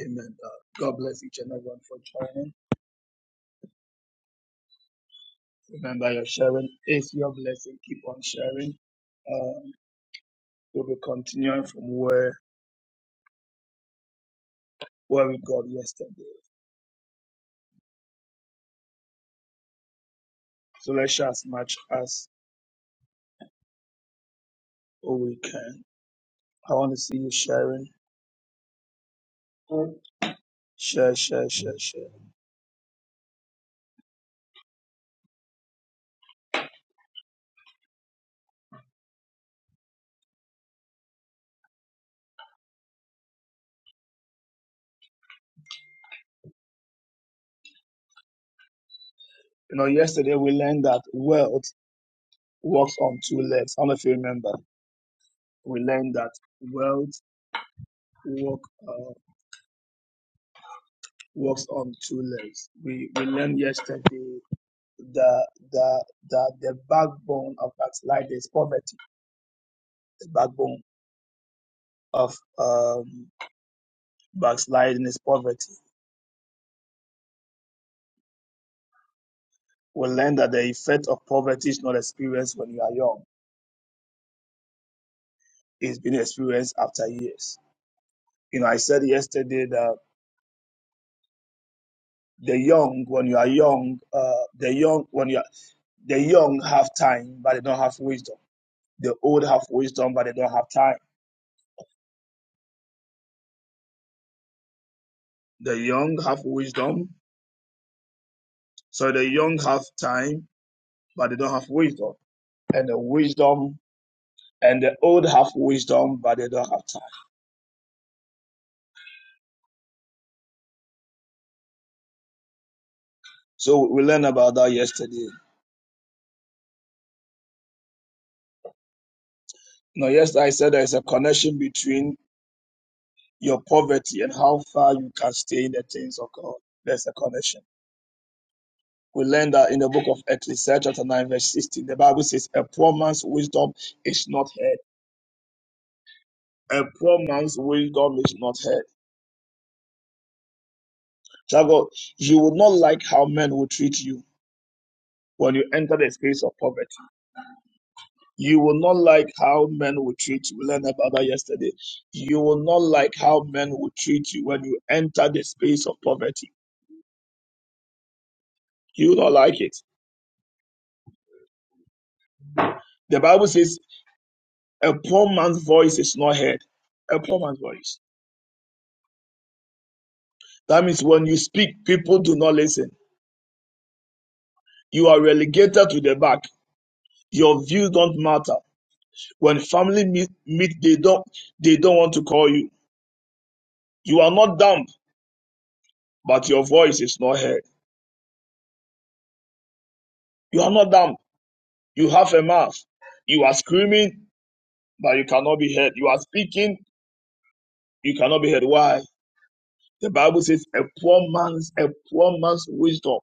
Amen. Uh, God bless each and everyone for joining. Remember, your sharing is your blessing. Keep on sharing. Um, we'll be continuing from where where we got yesterday. So let's share as much as we can. I want to see you sharing. Share, share, share, share. You know, yesterday we learned that wealth walks on two legs. I don't know if you remember. We learned that wealth walk, uh, walks on two legs. We we learned yesterday the the the the backbone of backsliding is poverty. The backbone of um, backsliding is poverty. We learn that the effect of poverty is not experienced when you are young; it's been experienced after years. You know, I said yesterday that the young, when you are young, uh, the young when you are, the young have time, but they don't have wisdom. The old have wisdom, but they don't have time. The young have wisdom, so the young have time, but they don't have wisdom. And the wisdom And the old have wisdom, but they don't have time. So we learned about that yesterday. Now, yesterday I said there is a connection between your poverty and how far you can stay in the things of God. There's a connection. We learned that in the book of Ecclesiastes, chapter 9, verse 16, the Bible says, A poor man's wisdom is not heard. A poor man's wisdom is not heard. Child God, you will not like how men will treat you when you enter the space of poverty. You will not like how men will treat you. We learned about that yesterday. You will not like how men will treat you when you enter the space of poverty. You will not like it. The Bible says a poor man's voice is not heard. A poor man's voice. That means when you speak, people do not listen. You are relegated to the back. Your views don't matter. When family meet, meet they don't they don't want to call you. You are not dumb, but your voice is not heard. You are not dumb. You have a mouth. You are screaming that you cannot be heard. You are speaking, you cannot be heard. Why? The Bible says a poor man's a poor man's wisdom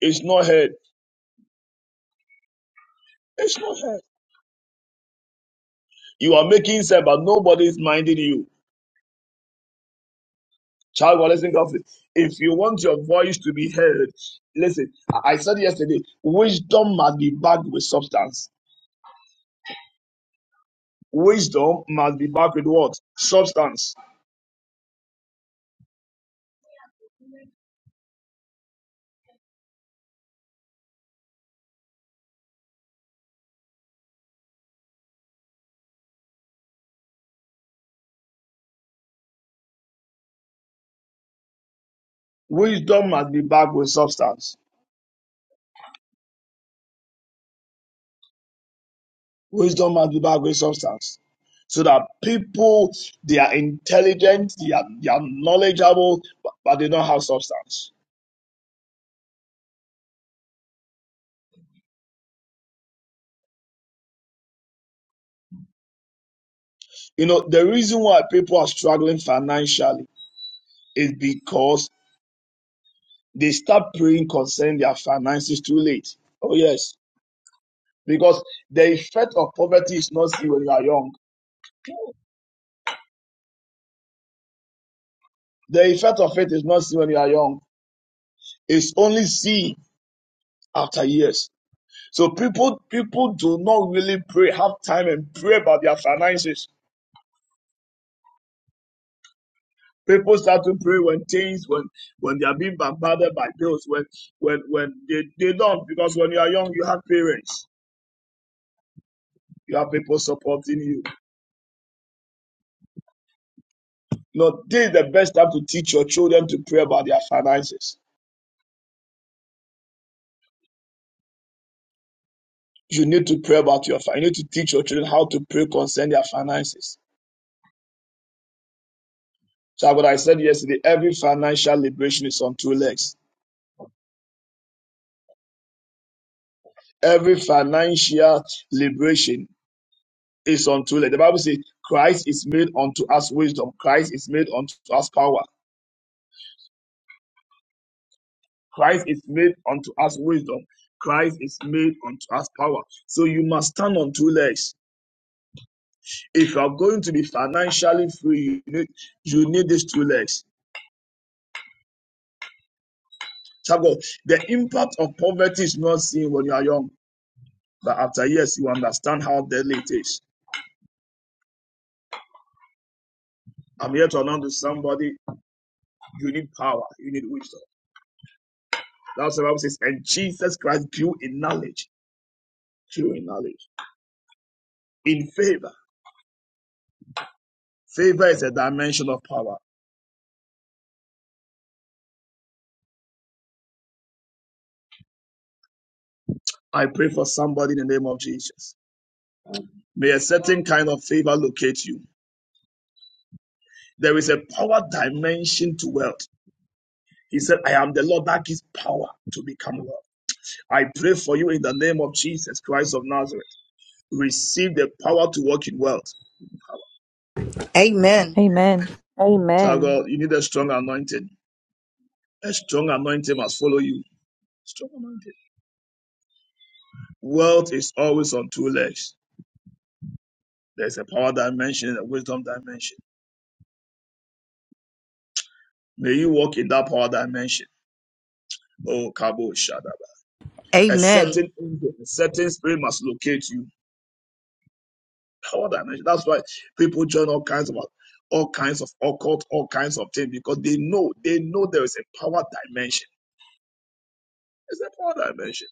is not heard. It's not heard. You are making sense, but nobody is minding you. Child, God, listen carefully. If you want your voice to be heard, listen. I said yesterday, wisdom must be backed with substance. Wisdom must be backed with what? Substance. Wisdom must be backed with substance. Wisdom must be by great substance. So that people, they are intelligent, they are, they are knowledgeable, but, but they don't have substance. You know, the reason why people are struggling financially is because they start praying concerning their finances too late. Oh, yes. Because the effect of poverty is not seen when you are young. The effect of it is not seen when you are young. It's only seen after years. So people, people do not really pray, have time and pray about their finances. People start to pray when things, when when they are being bombarded by bills, when when when they, they don't, because when you are young, you have parents, you have people supporting you. No, this is the best time to teach your children to pray about their finances. You need to pray about your finances. You need to teach your children how to pray concerning their finances. So what I said yesterday, every financial liberation is on two legs. Every financial liberation is on two legs. The Bible says Christ is made unto us wisdom. Christ is made unto us power. Christ is made unto us wisdom. Christ is made unto us power. So you must stand on two legs. If you are going to be financially free, you need, you need these two legs. Chago, the impact of poverty is not seen when you are young, but after years, you understand how deadly it is. I'm here to announce to somebody you need power, you need wisdom. That's what the Bible says. And Jesus Christ grew in knowledge, grew in knowledge, in favor. Favor is a dimension of power. I pray for somebody in the name of Jesus. May a certain kind of favor locate you. There is a power dimension to wealth. He said, I am the Lord that gives power to become wealth. I pray for you in the name of Jesus Christ of Nazareth. Receive the power to walk in wealth. Amen. Amen. Child of Amen. God, you need a strong anointing. A strong anointing must follow you. Strong anointing. Wealth is always on two legs. There's a power dimension and a wisdom dimension. May you walk in that power dimension. Oh, Kabo Shadaba. A Amen. certain angel, a certain spirit must locate you All that. That's why people join all kinds of all kinds of occult, all kinds of things because they know they know there is a power dimension. There's a power dimension.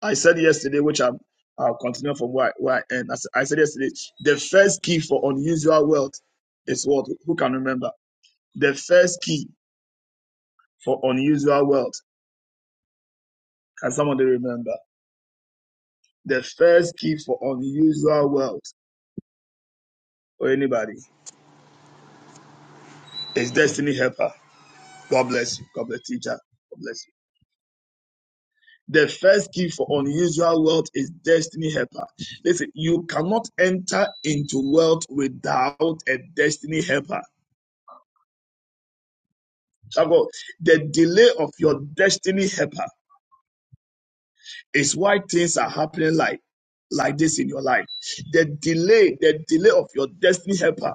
I said yesterday, which I'm I'll continue from where, where I end. I said I said yesterday, the first key for unusual wealth is what? Who can remember? The first key for unusual wealth. Can somebody remember? The first key for unusual wealth or anybody is destiny helper. God bless you. God bless teacher. God bless you. The first key for unusual wealth is destiny helper. Listen, you cannot enter into wealth without a destiny helper. Child The delay of your destiny helper is why things are happening like, like this in your life. The delay, the delay of your destiny helper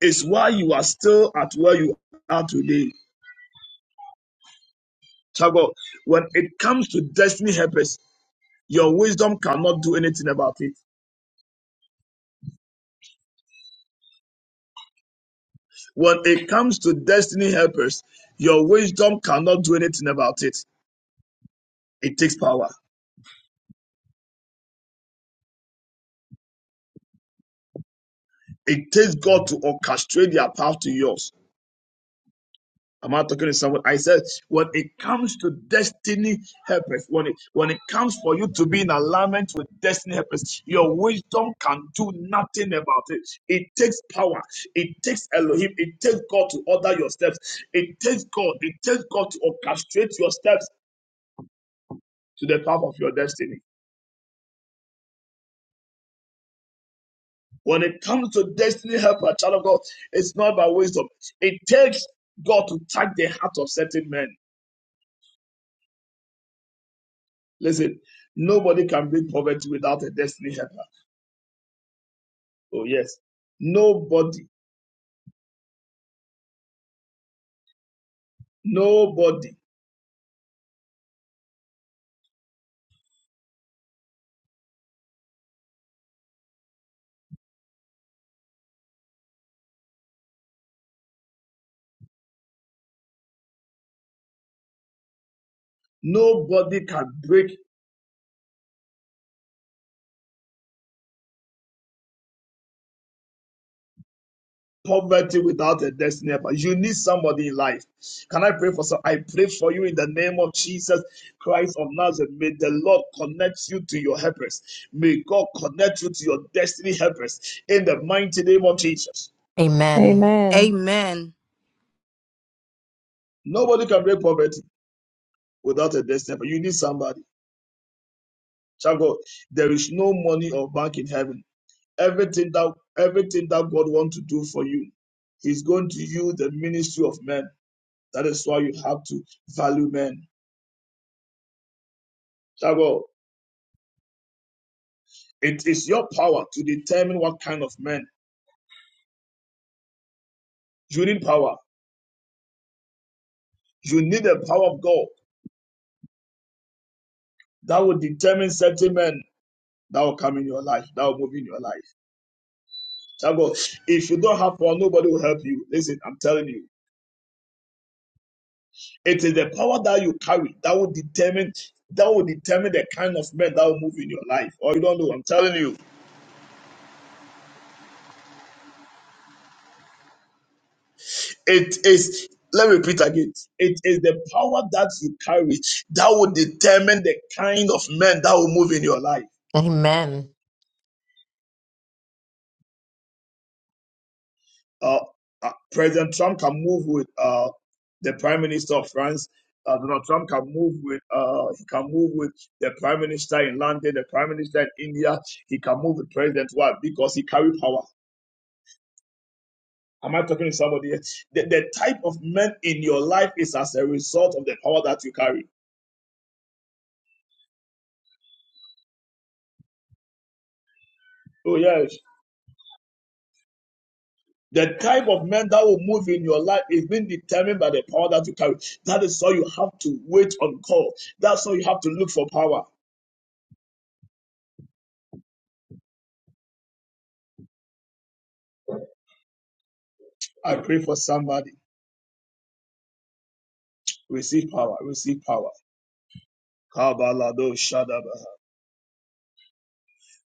is why you are still at where you are today. Child When it comes to destiny helpers, your wisdom cannot do anything about it When it comes to destiny helpers, your wisdom cannot do anything about it. It takes power. It takes God to orchestrate their path to yours. i Am not talking to someone? I said, when it comes to destiny helpers, when it, when it comes for you to be in alignment with destiny helpers, your wisdom can do nothing about it. It takes power. It takes Elohim. It takes God to order your steps. It takes God. It takes God to orchestrate your steps to the path of your destiny. When it comes to destiny helper, child of God, it's not by wisdom. It takes God to touch the heart of certain men. Listen, nobody can beat poverty without a destiny helper. Oh, yes. Nobody, nobody, nobody can break poverty without a destiny helper. You need somebody in life. Can I pray for some? I pray for you in the name of Jesus Christ of Nazareth. May the Lord connect you to your helpers. May God connect you to your destiny helpers in the mighty name of Jesus. Amen. Amen. Amen. Nobody can break poverty without a destiny. helper. You need somebody. Child of God, there is no money or bank in heaven. Everything that everything that God wants to do for you, He's going to use the ministry of men. That is why you have to value men. Child of God, it is your power to determine what kind of men. You need power. You need the power of God that will determine certain men that will come in your life, that will move in your life. Child of God, if you don't have power, nobody will help you. Listen, I'm telling you. It is the power that you carry that will determine that will determine the kind of men that will move in your life. Or you don't know. I'm telling you, it is. Let me repeat again. It is the power that you carry that will determine the kind of men that will move in your life. Amen. Uh, uh, President Trump can move with uh, the Prime Minister of France. Uh, Donald Trump can move with uh, he can move with the Prime Minister in London, the Prime Minister in India. He can move with President Why? Because he carry power. Am I talking to somebody? The, the type of men in your life is as a result of the power that you carry. Oh, yes. The type of men that will move in your life is being determined by the power that you carry. That is why you have to wait on call. That's why you have to look for power. I pray for somebody. Receive power. Receive power.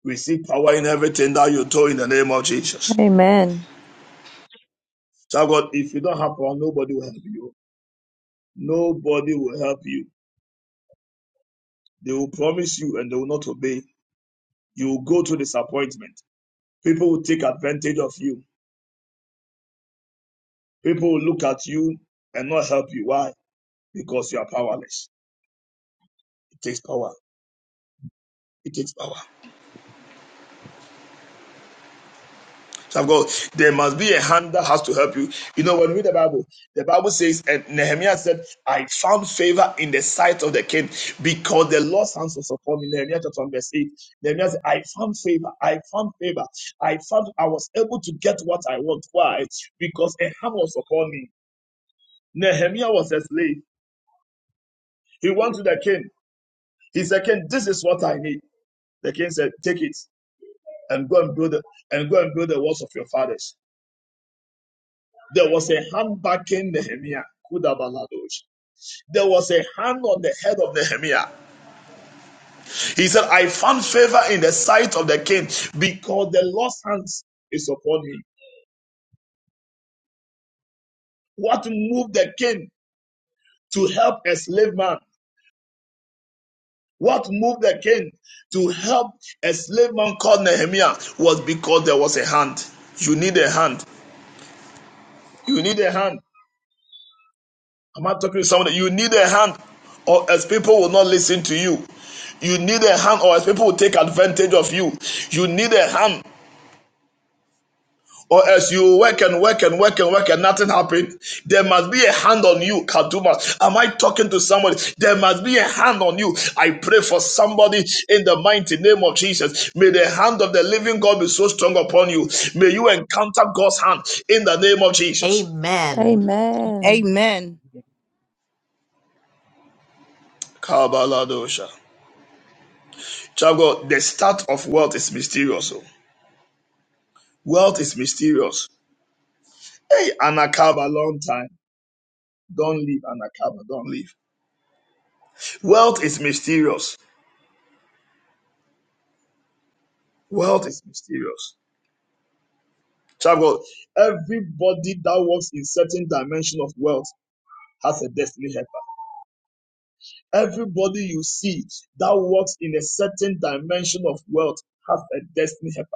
Receive power in everything that you do in the name of Jesus. Amen. So God, if you don't have power, nobody will help you. Nobody will help you. They will promise you and they will not obey. you will go to disappointment. People will take advantage of you. People will look at you and not help you. Why? Because you are powerless. It takes power. It takes power. So I've got, there must be a hand that has to help you. You know, when we read the Bible, the Bible says, and Nehemiah said, I found favor in the sight of the king because the Lord's hands was upon me. Nehemiah chapter 1 verse 8. Nehemiah said, I found favor. I found favor. I found I was able to get what I want. Why? Because a hand was upon me. Nehemiah was a slave. He went to the king. He said, King, this is what I need. The king said, Take it and go and build the, and go and build the walls of your fathers. There was a hand backing Nehemiah. There was a hand on the head of Nehemiah. He said, I found favor in the sight of the king because the Lord's hands is upon me. What moved the king to help a slave man? What moved the king to help a slave man called Nehemiah was because there was a hand. You need a hand. You need a hand. Am I talking to somebody? You need a hand, or else people will not listen to you. You need a hand, or else people will take advantage of you. You need a hand, or else you work and work and work and work and nothing happens, There must be a hand on you, Kaduma. Am I talking to somebody? There must be a hand on you. I pray for somebody in the mighty name of Jesus. May the hand of the living God be so strong upon you. May you encounter God's hand in the name of Jesus. Amen. Amen. Amen. Kabaladosha. Child of God, the start of wealth is mysterious. oh. Wealth is mysterious. Hey, Anakaba, long time. Don't leave, Anakaba, don't leave. Wealth is mysterious. Wealth is mysterious. Child of God, everybody that works in certain dimension of wealth has a destiny helper. Everybody you see that works in a certain dimension of wealth has a destiny helper.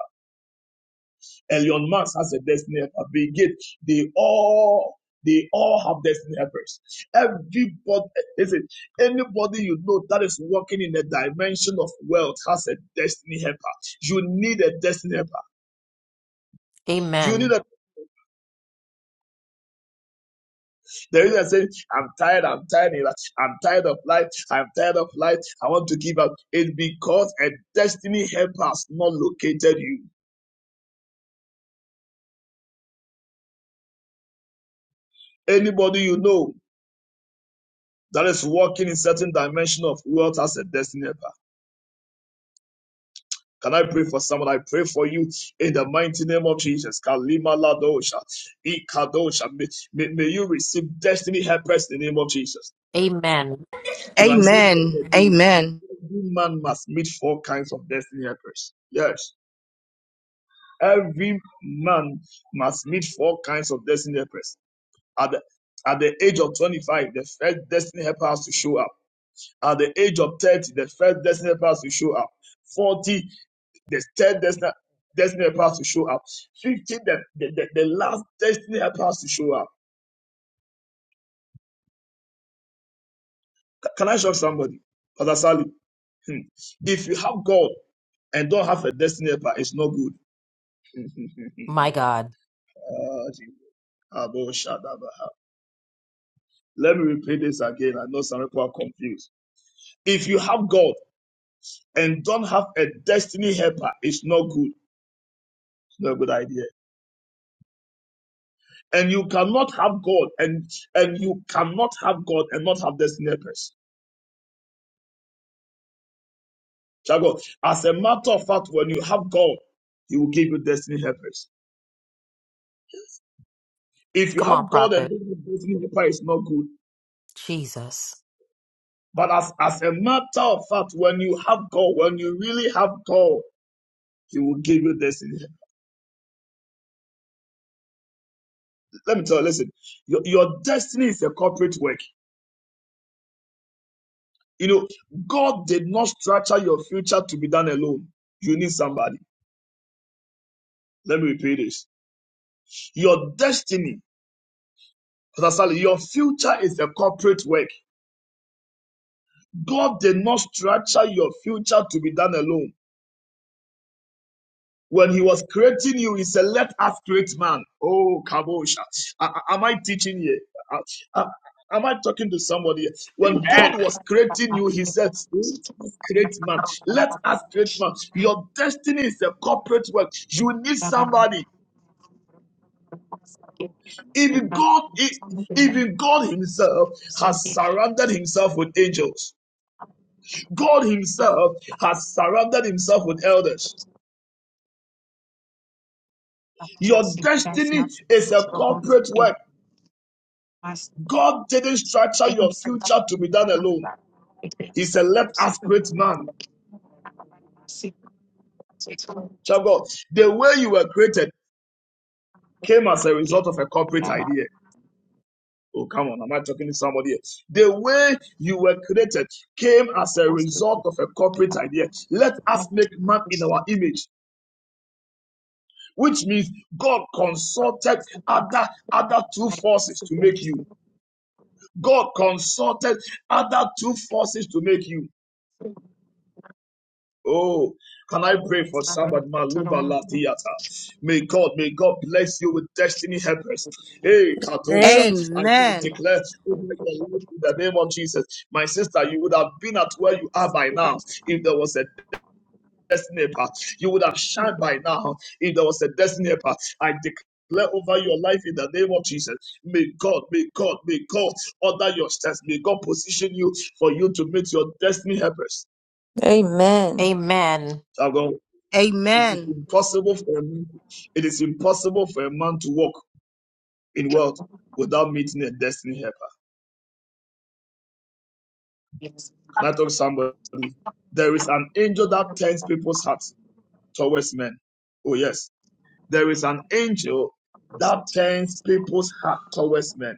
Elion Max has a destiny helper. Bill Gates, they all they all have destiny helpers. Everybody, listen, anybody you know that is working in the dimension of wealth has a destiny helper. You need a destiny helper. You need Amen. a, the reason I say, I'm tired, I'm tired, I'm tired of life, I'm tired of life, I want to give up. It's because a destiny helper has not located you. Anybody you know that is working in certain dimension of wealth has a destiny helper. Can I pray for someone? I pray for you in the mighty name of Jesus. Kalima Ladosha. Ikadosha. May, may, may you receive destiny helpers in the name of Jesus. Amen. You know, I said Amen. Amen. every man must meet four kinds of destiny helpers. Yes. Every man must meet four kinds of destiny helpers. At the, at the age of 25, the first destiny helper has to show up. At the age of 30, the first destiny helper has to show up. 40 the third destiny, destiny helper has to show up. 15, the, the, the, the last destiny helper has to show up. C- Can I shock somebody? Father Sally, hmm, if you have God and don't have a destiny helper, it's not good. My God. Ah, Jesus. Abo Shadaba. Let me repeat this again. I know some people are confused. If you have God and don't have a destiny helper, it's not good. It's not a good idea. And you cannot have God and and you cannot have God and not have destiny helpers. Child of God, as a matter of fact, when you have God, He will give you destiny helpers. If you Come on, have God and prophet. this destiny helper is not good, Jesus. but as, as a matter of fact, when you have God, when you really have God, He will give you destiny. Let me tell you, listen, your, your destiny is a corporate work. You know, God did not structure your future to be done alone. You need somebody. Let me repeat this. Your destiny, Pastor Sally, your future is a corporate work. God did not structure your future to be done alone. When He was creating you, He said, Let us create man. Oh, Kabosha. Am I teaching here? Am I talking to somebody? When God Amen. was creating you, He said, Let us create man. Let us create man. Your destiny is a corporate work. You need Baba, somebody. I'm Even not God, e- going to even God Himself sing has it. surrounded Himself with angels. God Himself has surrounded Himself with elders. I Your think That's destiny not is a about corporate something. work. I God didn't think structure your that's not about something. future to be done alone. I think He said, Let us create man. that's not about Child God, the way you were created came as a something. result of a corporate Baba, idea. Oh, come on, am I talking to somebody else? The way you were created came I'm as a most of result the of a corporate idea. Let us make man in first thing. I our image, which means God think consulted that's not other other two about forces to something. make That's not about something. That's not you. about something. God consulted other two forces to make you. Oh, can I pray for somebody? Maluba Ladiata. May God, may God bless you with destiny helpers. Hey, Katosha, I will Amen. declare over your life in the name of Jesus. My sister, you would have been at where you are by now if there was a destiny helper. You would have shined by now if there was a destiny helper. I declare Declare over your life in the name of Jesus. May God, may God, may God order your steps. May God position you for you to meet your destiny helpers. Amen. Amen. I It is Amen. impossible for a man, it is impossible for a man to walk in wealth without meeting a destiny helper. Yes. I'm Can I not talk to somebody? There is an angel that turns people's hearts towards men. Oh yes. There is an angel going to that sing turns people's heart towards men.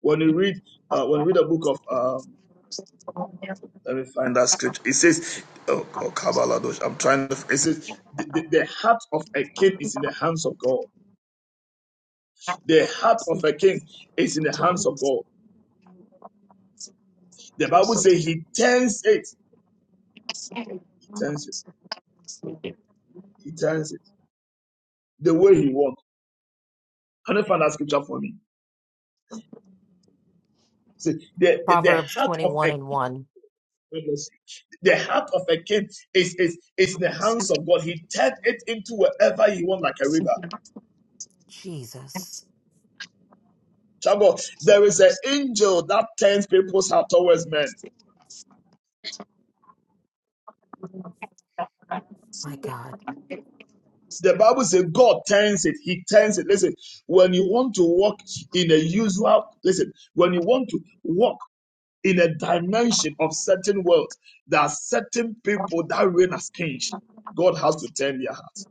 When you read uh, when you read the book of um, let me find that scripture, it says oh, oh Kabbalah, those- I'm trying to it says the, the, the heart of a king it. is in the hands of God. The heart It's of And a king is in the hands of Thank God. The Bible says he turns it. He turns it. He turns it the way he wants. Can you find that scripture for me? See, the, the, the Proverbs heart of 21 a and 1. the heart of a king is, is, is in the hands of God. He turns it into wherever he wants, like a river. Jesus. Child of God, there is an angel that turns people's heart towards men. My God. The Bible says God turns it. He turns it. Listen, when you want to walk in a usual, listen, when you want to walk in a dimension of certain wealth. There are certain people that reign as kings. God has to turn their hearts.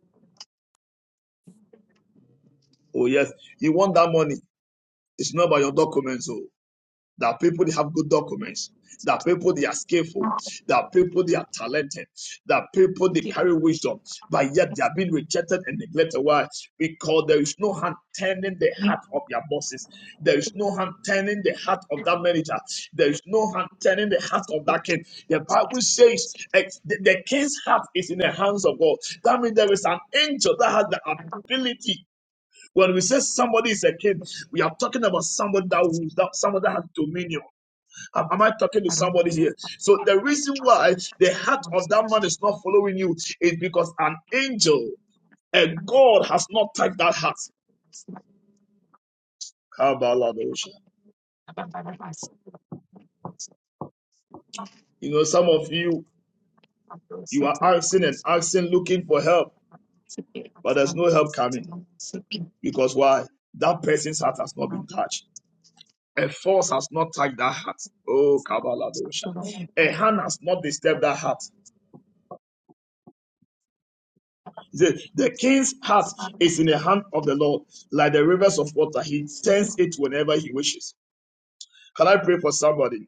Oh, yes. You want that money. It's not by your documents. oh. that people they have good documents, that people they are skillful, that people they are talented, that people they carry wisdom, but yet they are being rejected and neglected. Why? Because there is no hand turning the heart of their bosses. There is no hand turning the heart of that manager. There is no hand turning the heart of that king. The Bible says ex- the, the king's heart is in the hands of God. That means there is an angel that has the ability. When we say somebody is a king, we are talking about somebody that, rules, that somebody that has dominion. Am am I talking to somebody here? So the reason why the heart of that man is not following you is because an angel, a God, has not touched that heart. Kabaladosha. You know, some of you, you are asking and asking, looking for help, but there's no help coming because why? That person's heart has not been touched. A force has not touched that heart. Oh, Kabaladosha. A hand has not disturbed that heart. He The king's heart you. is in the hand of the Lord, like the rivers of water. He turns it whenever he wishes. Can I pray for somebody?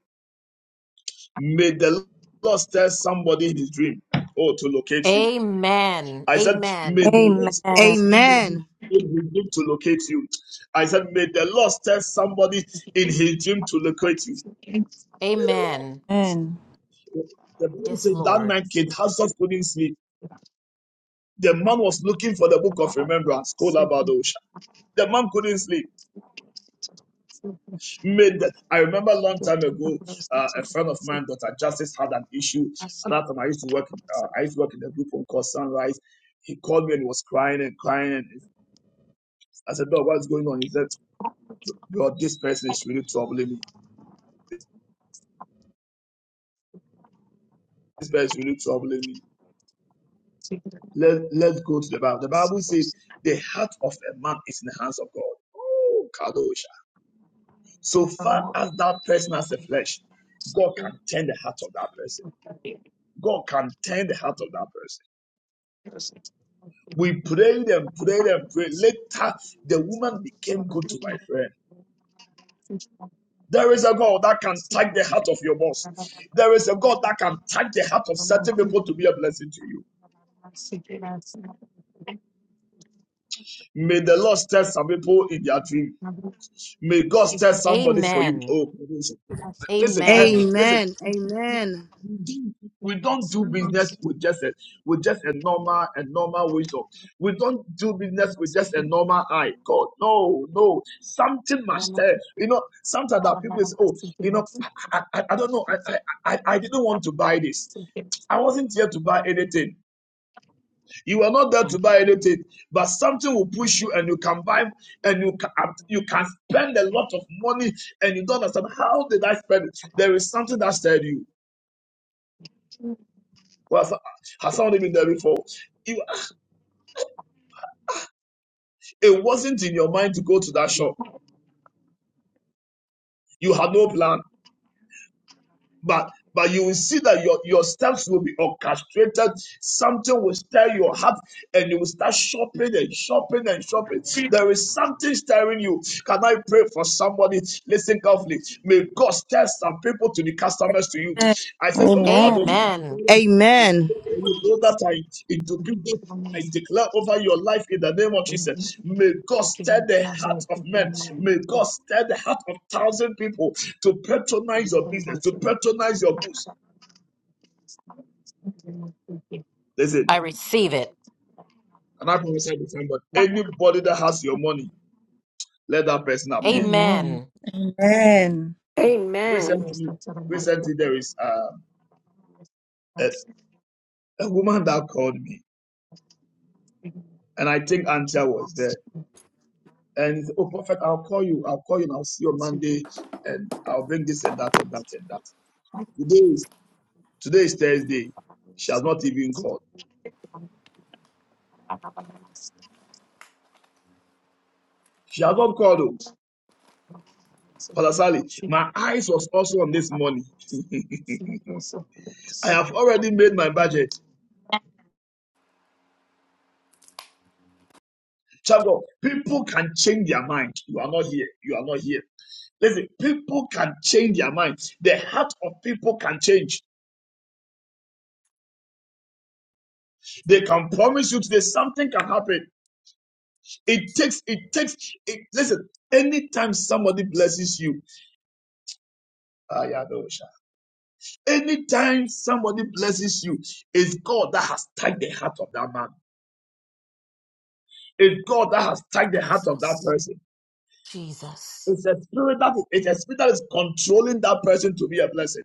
May the Lord tell somebody in his dream, oh, to locate you. Amen. I said, May Amen. the Lord tell Amen. somebody Amen. in his dream to locate you. I said, May the Lord tell somebody in his dream to locate you. May the Amen. Amen. Lord. The Bible Yes, said that Lord. night King Hazard couldn't sleep. The man was looking for the book of remembrance, called Abadosha. The man couldn't sleep. made that. I remember a long time ago, uh, a friend of mine, Dr. Justice, had an issue. At that time, I used to work. In, uh, I used to work in a group home called Sunrise. He called me and he was crying and crying. And I said, "Dog, what's going on?" He said, "Bro, this person is really troubling me. This person is really troubling me. Let Let's go to the Bible. The Bible says Thank the heart of a man is in the hands of God. Oh, Kadosh. So far as that person has the flesh, God can turn the heart of that person. God can turn the heart of that person. We prayed and prayed and prayed. Later, the woman became good to my friend. There is a God that can touch the heart of your boss. There is a God that can touch the heart of certain people you. to be a blessing to you. Thank May the Lord test some people in their dream. May God test somebody for you. Amen. Oh, Amen. Listen, eh, Amen. listen. Amen. Amen. We don't, we don't do business with just a with just a normal a normal wisdom. We don't do business with just a normal eye. God, no, no. Something must tell You know, sometimes that people say, oh, you know, I I, I I don't know. I, I I I didn't want to buy this. I wasn't here to buy anything. You are not there to buy anything, but something will push you, and you can buy, and you can you can spend a lot of money, and you don't understand how did I spend it. There is something that stirred you. Well, has has somebody been there before? You, it wasn't in your mind to go to that shop. You had no plan. but but you will see that your, your steps will be orchestrated. Something will stir your heart, and you will start shopping and shopping and shopping. There is something stirring you. Can I pray for somebody? Listen carefully. May God stir some people to be customers to you. I Amen. Amen. said, Oh, Kadosh, Amen. Amen. those Amen. that are in- into business, I declare over your life in the name of Jesus. May God stir the heart of men. May God stir the heart of thousand people to patronize your business, to patronize your goods. I Listen, receive it. and I prophesy to somebody, anybody that has your money, let that person you. appear. Amen. Amen. Secret, Amen. Amen. Recently, recently there is um, a, a woman that called me, and I think Antia was there. And he said, oh, prophet, I'll call you. I'll call you and I'll see you on Monday, and I'll bring this and that and that and that. Today is today is Thursday. She has not even called. She has not called. Oh, Pastor Sally, my eyes was also on this money. I have already made my budget. Child of God, people can change their mind. You are not here. You are not here. Listen, people can change their mind. The heart of people can change. They can promise you today something can happen. It takes, it takes, it, listen, anytime somebody blesses you, ah, yeah, no, sha. anytime somebody blesses you, it's God that has tagged the heart of that man. It's God that has tagged the heart of that Jesus. person. Jesus. It's a spirit that is, it's a spirit that is controlling that person to be a blessing.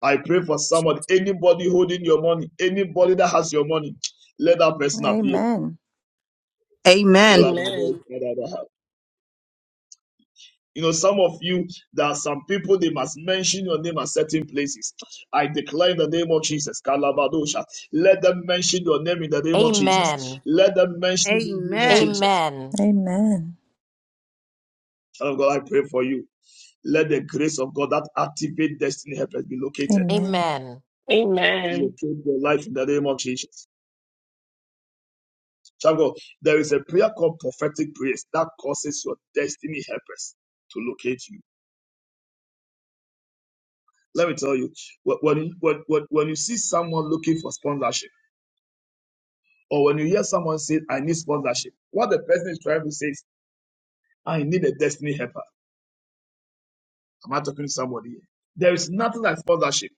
I pray for someone, anybody holding your money, anybody that has your money, let that person appear. Amen. You know, some of you, there are some people they must mention your name at certain places. I declare in the name of Jesus, Kalabadosha. Let them mention your name in the name of Jesus. Amen. Let them mention in the name of Amen. Jesus. Amen. Oh God, I pray for you. Let the grace of God that activate destiny helpers be located. Amen. Amen. Locate your life in the name of Jesus. Child of God, there is a prayer called prophetic praise that causes your destiny helpers to locate you. Let me tell you, when, when, when, when when you see someone looking for sponsorship, or when you hear someone say, I need sponsorship, what the person is trying to say is, I need a destiny helper. Am I talking to somebody here? There is nothing like sponsorship.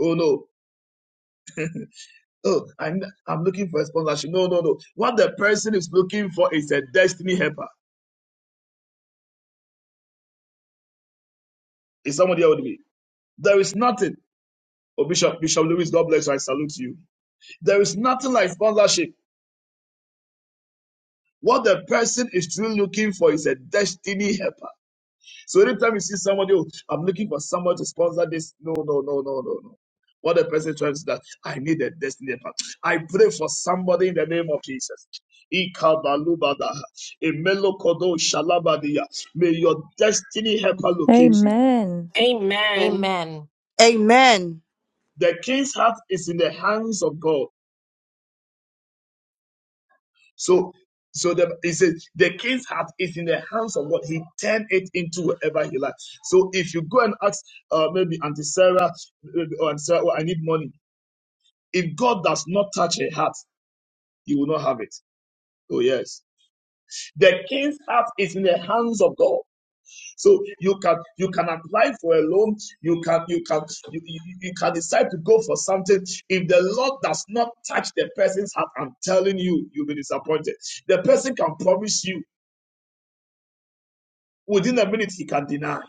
Oh no. Oh, I'm, I'm looking for a sponsorship. No, no, no. What the person is looking for is a destiny helper. Is somebody here with me? There is nothing. Oh, Bishop, Bishop Lewis, God bless you. I salute you. There is nothing like sponsorship. What the person is truly looking for is a destiny helper. So anytime you see somebody, oh, I'm looking for someone to sponsor this. No, no, no, no, no, no. What the person is trying to say that I need a destiny helper. I pray for somebody in the name of Jesus. Ikabalubada, Emelokodo Shalabadia. May your destiny helper locate you. Amen. Amen. Amen. Amen. The king's heart is in the hands of God. So, so the he says the king's heart is in the hands of God. He turned it into whatever he likes. So if you go and ask, uh, maybe Auntie Sarah, maybe, oh, Auntie Sarah, oh, I need money. If God does not touch her heart, you will not have it. Oh yes, the king's heart is in the hands of God. So you can you can apply for a loan. You can you can you, you, you can decide to go for something. If the Lord does not touch the person's heart, I'm telling you, you'll be disappointed. The person can promise you, within a minute he can deny.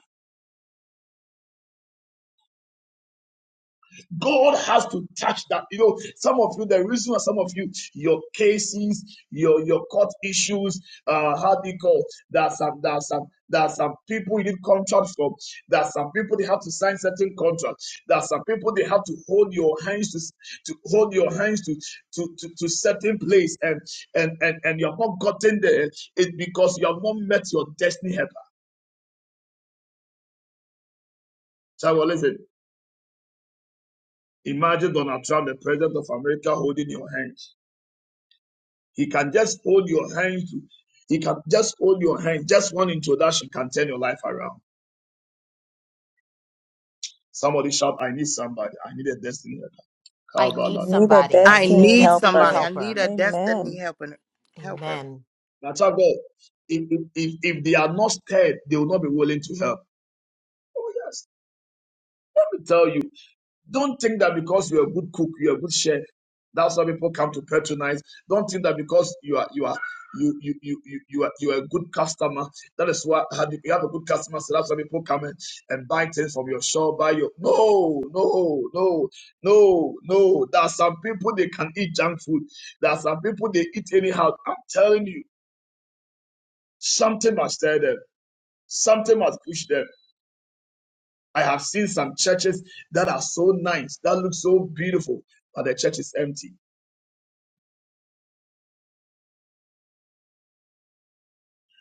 God has to touch that. You know, some of you, the reason why some of you, your cases, your your court issues, uh, how do you call there are some there are some there are some people you need contracts from. There are some people they have to sign certain contracts. There are some people they have to hold your hands to to hold your hands to to to, to certain place and and and and you have not gotten there. It's because you have not met your destiny helper. So well, listen. Imagine Donald Trump, the president of America, holding your hand. He can just hold your hand. He can just hold your hand. Just one introduction can turn your life around. Somebody shout, I need somebody. I need a destiny. I helper." I need Kabbalah. need a somebody. I I need a destiny need destiny somebody. helper. I need helper. a destiny Amen. helper. Helper. Amen. That's how God. If, if, if if they are not stirred, they will not be willing to help. Oh, yes. I tell you. Don't think that because you're a good cook, you're a good chef, that's why people come to patronize. Don't think that because you are you are you you you you, you are you are a good customer. That is why you you have a good customer, so that's why people come in and buy things from your shop. Buy your no no no no no. There are some people they can eat junk food. There are some people they eat anyhow. I'm telling you, something must tell them. Something must push them. I have seen some churches that are so nice, that look so beautiful, but the church is empty.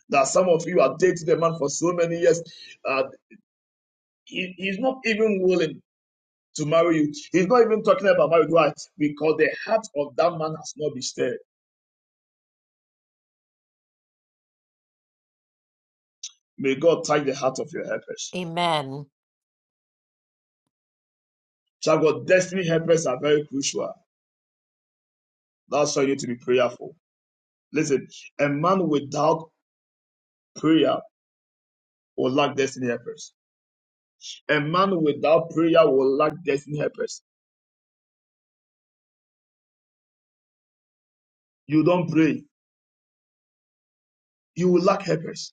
That some of you have dated a man for so many years, uh, he, he's not even willing to marry you. He's not even talking about marriage. Why? Because the heart of that man has not been stirred. May God touch the heart of your helpers. Amen. Child of God, destiny helpers are very crucial. That's why you need to be prayerful. Listen, a man without prayer will lack destiny helpers. A man without prayer will lack destiny helpers. You don't pray. You will lack helpers.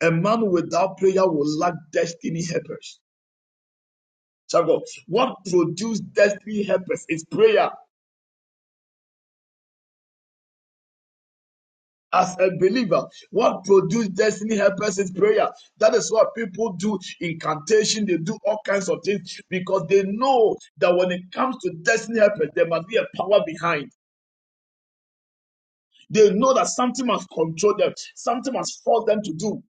A man without prayer will lack destiny helpers. Child of What produced destiny helpers is prayer. As a believer, what produced destiny helpers is prayer. That is what people do incantation, they do all kinds of things because they know that when it comes to destiny helpers, there must be a power behind. They know that something must control them, something must force them to do.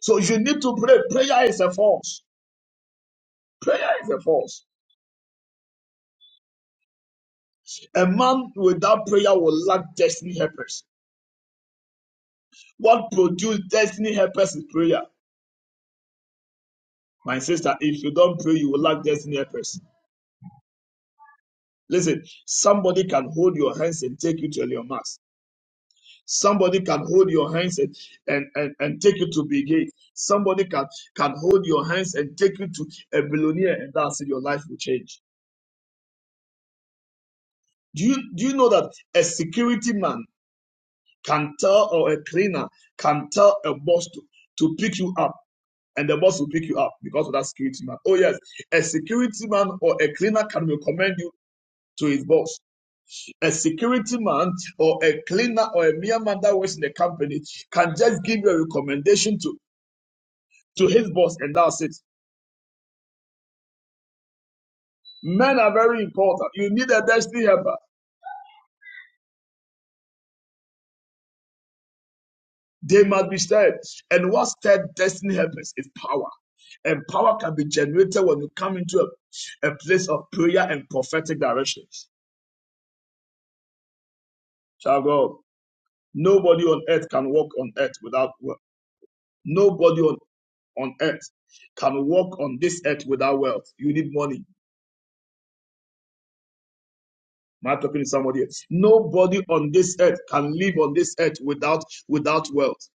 So you need to pray. Prayer is a force. Prayer is a force. A man without prayer will lack destiny helpers. What produces destiny helpers is prayer. My sister, if you don't pray, you will lack destiny helpers. Listen, somebody can hold your hands and take you to your mass. Somebody can hold your hands and, and, and, and take you to big gate. Somebody can, can hold your hands and take you to a billionaire and that's it, your life will change. Do you, do you know that a security man can tell or a cleaner can tell a boss to, to pick you up? and the boss will pick you up because of that security man. Oh, yes, a security man or a cleaner can recommend you to his boss. A security man or a cleaner or a mere man that works in the company can just give you a recommendation to, to his boss, and that's it. Men are very important. You need a destiny helper. They must be stirred. And what stirred destiny helpers is power. And power can be generated when you come into a, a place of prayer and prophetic directions. Shall God. Nobody on earth can walk on earth without wealth. Nobody on, on earth can walk on this earth without wealth. You need money. Am I talking to somebody else? Nobody on this earth can live on this earth without without wealth.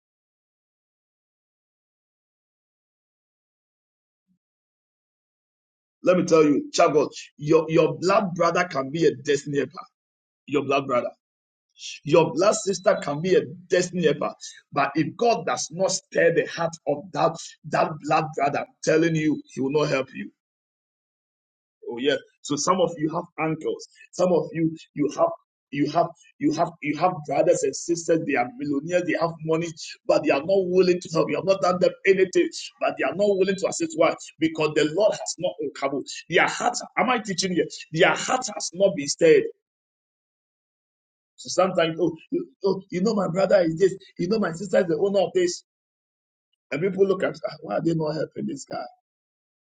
Let me tell you, Chagos, your, your blood brother can be a destiny helper. Your blood brother. Your blood sister can be a destiny helper. But if God does not stir the heart of that, that blood brother, I'm telling you, he will not help you. Oh yeah. So some of you have uncles. Some of you you have you have you have you have brothers and sisters. They are millionaires. They have money, but they are not willing to help. You have not done them anything, but they are not willing to assist. Why? Because the Lord has not uncovered their hearts. Am I teaching you? Their heart has not been stirred. So sometimes, oh, you, oh, you know, my brother is this. You know, my sister is the owner of this. And people look at, "Ah, why are they not helping this guy?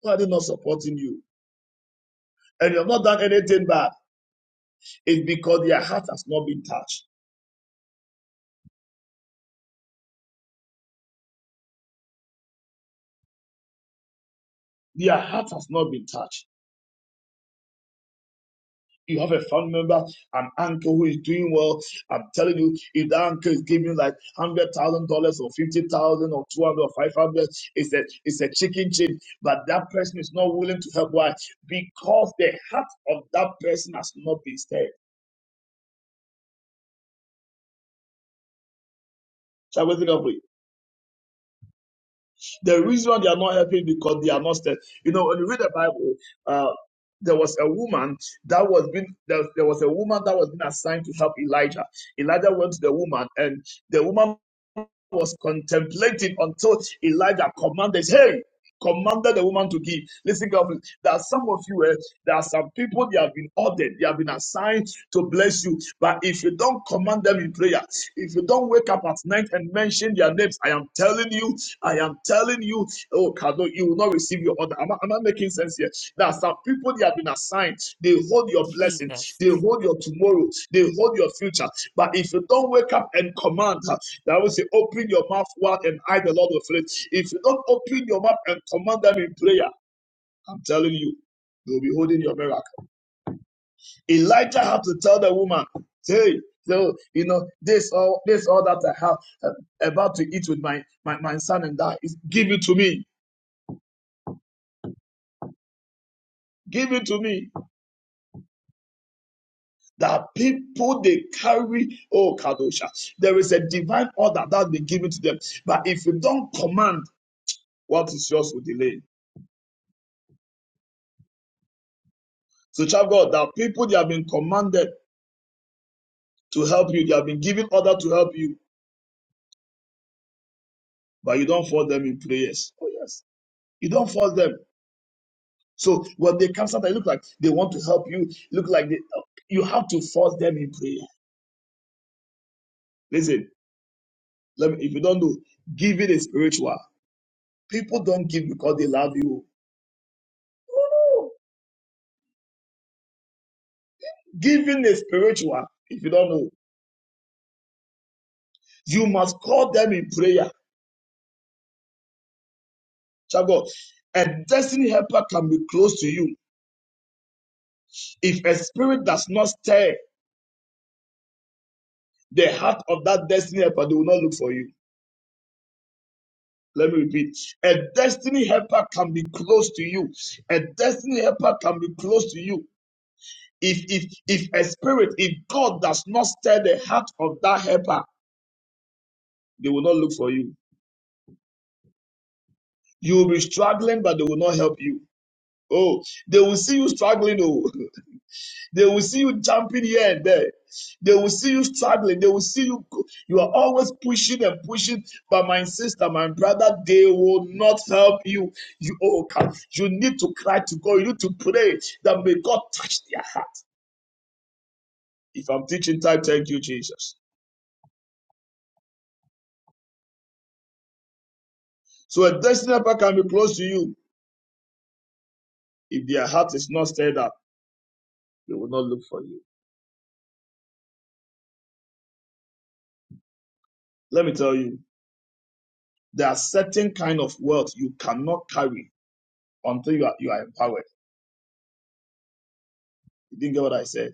Why are they not supporting you? And you have not done anything bad. It's because their heart has not been touched. Their heart has not been touched. You have a family member, an uncle who is doing well. I'm telling you, if that uncle is giving like hundred thousand dollars or fifty thousand or two hundred or five hundred, it's a it's a chicken change. But that person is not willing to help. Why? Because the heart of that person has not been stirred. Shall we think of it? The reason they are not helping because they are not steady. You know, when you read the Bible, uh, there was a woman that was being there, there was a woman that was being assigned to help Elijah. Elijah went to the woman, and the woman was contemplating until Elijah commanded, hey, commanded the woman to give. Listen carefully. There are some of you, eh, there are some people they have been ordered, they have been assigned to bless you. But if you don't command them in prayer, if you don't wake up at night and mention their names, I am telling you, I am telling you, oh, Kado, you will not receive your order. Am I, am I making sense here? There are some people they have been assigned, they hold your blessing, Jesus. they hold your tomorrow, they hold your future. But if you don't wake up and command, that will say, open your mouth wide and I, the Lord, will fill it. If you don't open your mouth and command them in prayer, I'm telling you, you'll be holding your miracle. Elijah had to tell the woman, hey, so you know this all this all that I have uh, about to eat with my my, my son and that is give it to me. Give it to me. That people they carry, oh Kadosha, there is a divine order that they give it to them. But if you don't command, what is yours will delay. So, child God, that people they have been commanded to help you. They have been given order to help you, but you don't fault them in prayers. Oh yes, you don't fault them. So when they come, sometimes it look like they want to help you. Look like they, you have to force them in prayer. Listen, let me, if you don't know, giving is spiritual. People don't give because they love you. Oh, no. Giving is spiritual. If you don't know, you must call them in prayer. Child of God, a destiny helper can be close to you. If a spirit does not stir the heart of that destiny helper, they will not look for you. Let me repeat. A destiny helper can be close to you. A destiny helper can be close to you. If if if a spirit, if God does not stir the heart of that helper, they will not look for you. You will be struggling, but they will not help you. Oh, they will see you struggling. Oh, They will see you jumping here and there. They will see you struggling. They will see you. You are always pushing and pushing. But my sister, my brother, they will not help you. You oh, come. You need to cry to God. You need to pray that may God touch their heart. If I'm teaching time, thank you, Jesus. So a destiny helper can be close to you. If their heart is not stirred up, they will not look for you. Let me tell you, there are certain kind of wealth you cannot carry until you are, you are empowered. You didn't get what I said?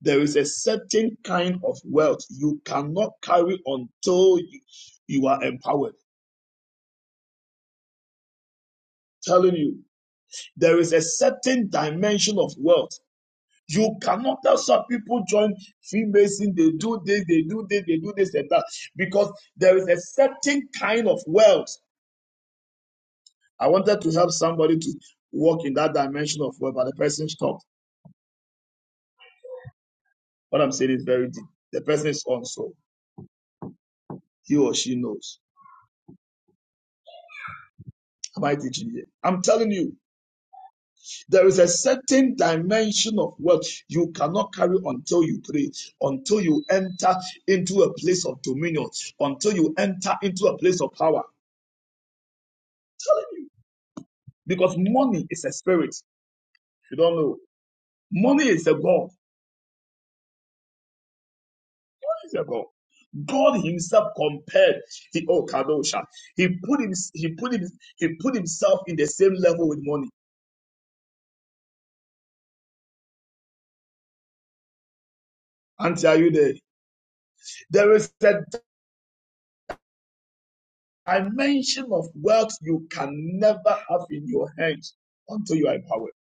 There is a certain kind of wealth you cannot carry until you, you are empowered. Telling you, there is a certain dimension of wealth. You cannot tell some people join Freemason, they do this, they do this, they do this and that, because there is a certain kind of wealth. I wanted to help somebody to walk in that dimension of wealth, but the person stopped. What I'm saying is very deep. The person is on, so he or she knows. Am I teaching here? I'm telling you, There is a certain dimension of wealth you cannot carry until you pray, until you enter into a place of dominion, until you enter into a place of power. I'm telling you, because money is a spirit. You don't know. Money is a God. It's a God. God Himself compared the old Kadosha. He put him, he put him, he put himself in the same level with money. Auntie, are you there? There is a dimension of wealth you can never have in your hands until you are empowered.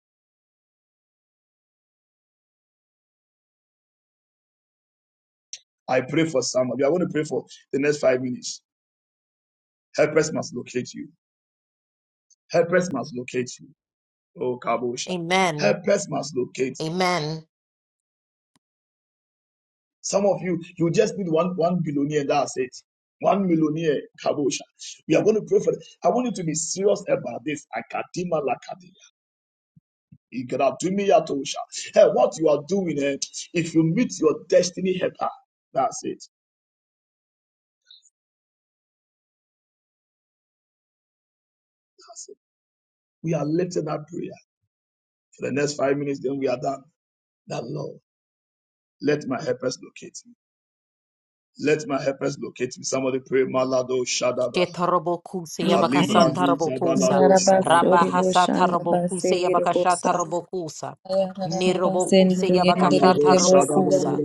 I pray for some of You I want to pray for the next five minutes. Helpers must locate you. Helpers must locate you. Oh, Kabosha. Amen. Helpers must locate you. Amen. Some of you, you just need one one billionaire. That's it. One millionaire, Kabosha. We are going to pray for. it. I want you to be serious about this. Akadima lakadia. Igradumiyatosha. Hey, what you are doing, eh, if you meet your destiny helper, that's it. That's We are lifting that prayer for the next five minutes, then we are done. That Lord, let my helpers locate me. Let my helpers locate me. Somebody pray, Malado Shadaba, Shetarabokusa Kalibra Amen. do Yabakasantarabokusa. Zabalado Shadaba, Yarabasuri bushanda Rabahasatarabokusa basegiri busa. Yabakashatarabokusa. Nirobokusa Yarabasendri Malado yendiriri busi Shadaba, Yabakashatarabokusa.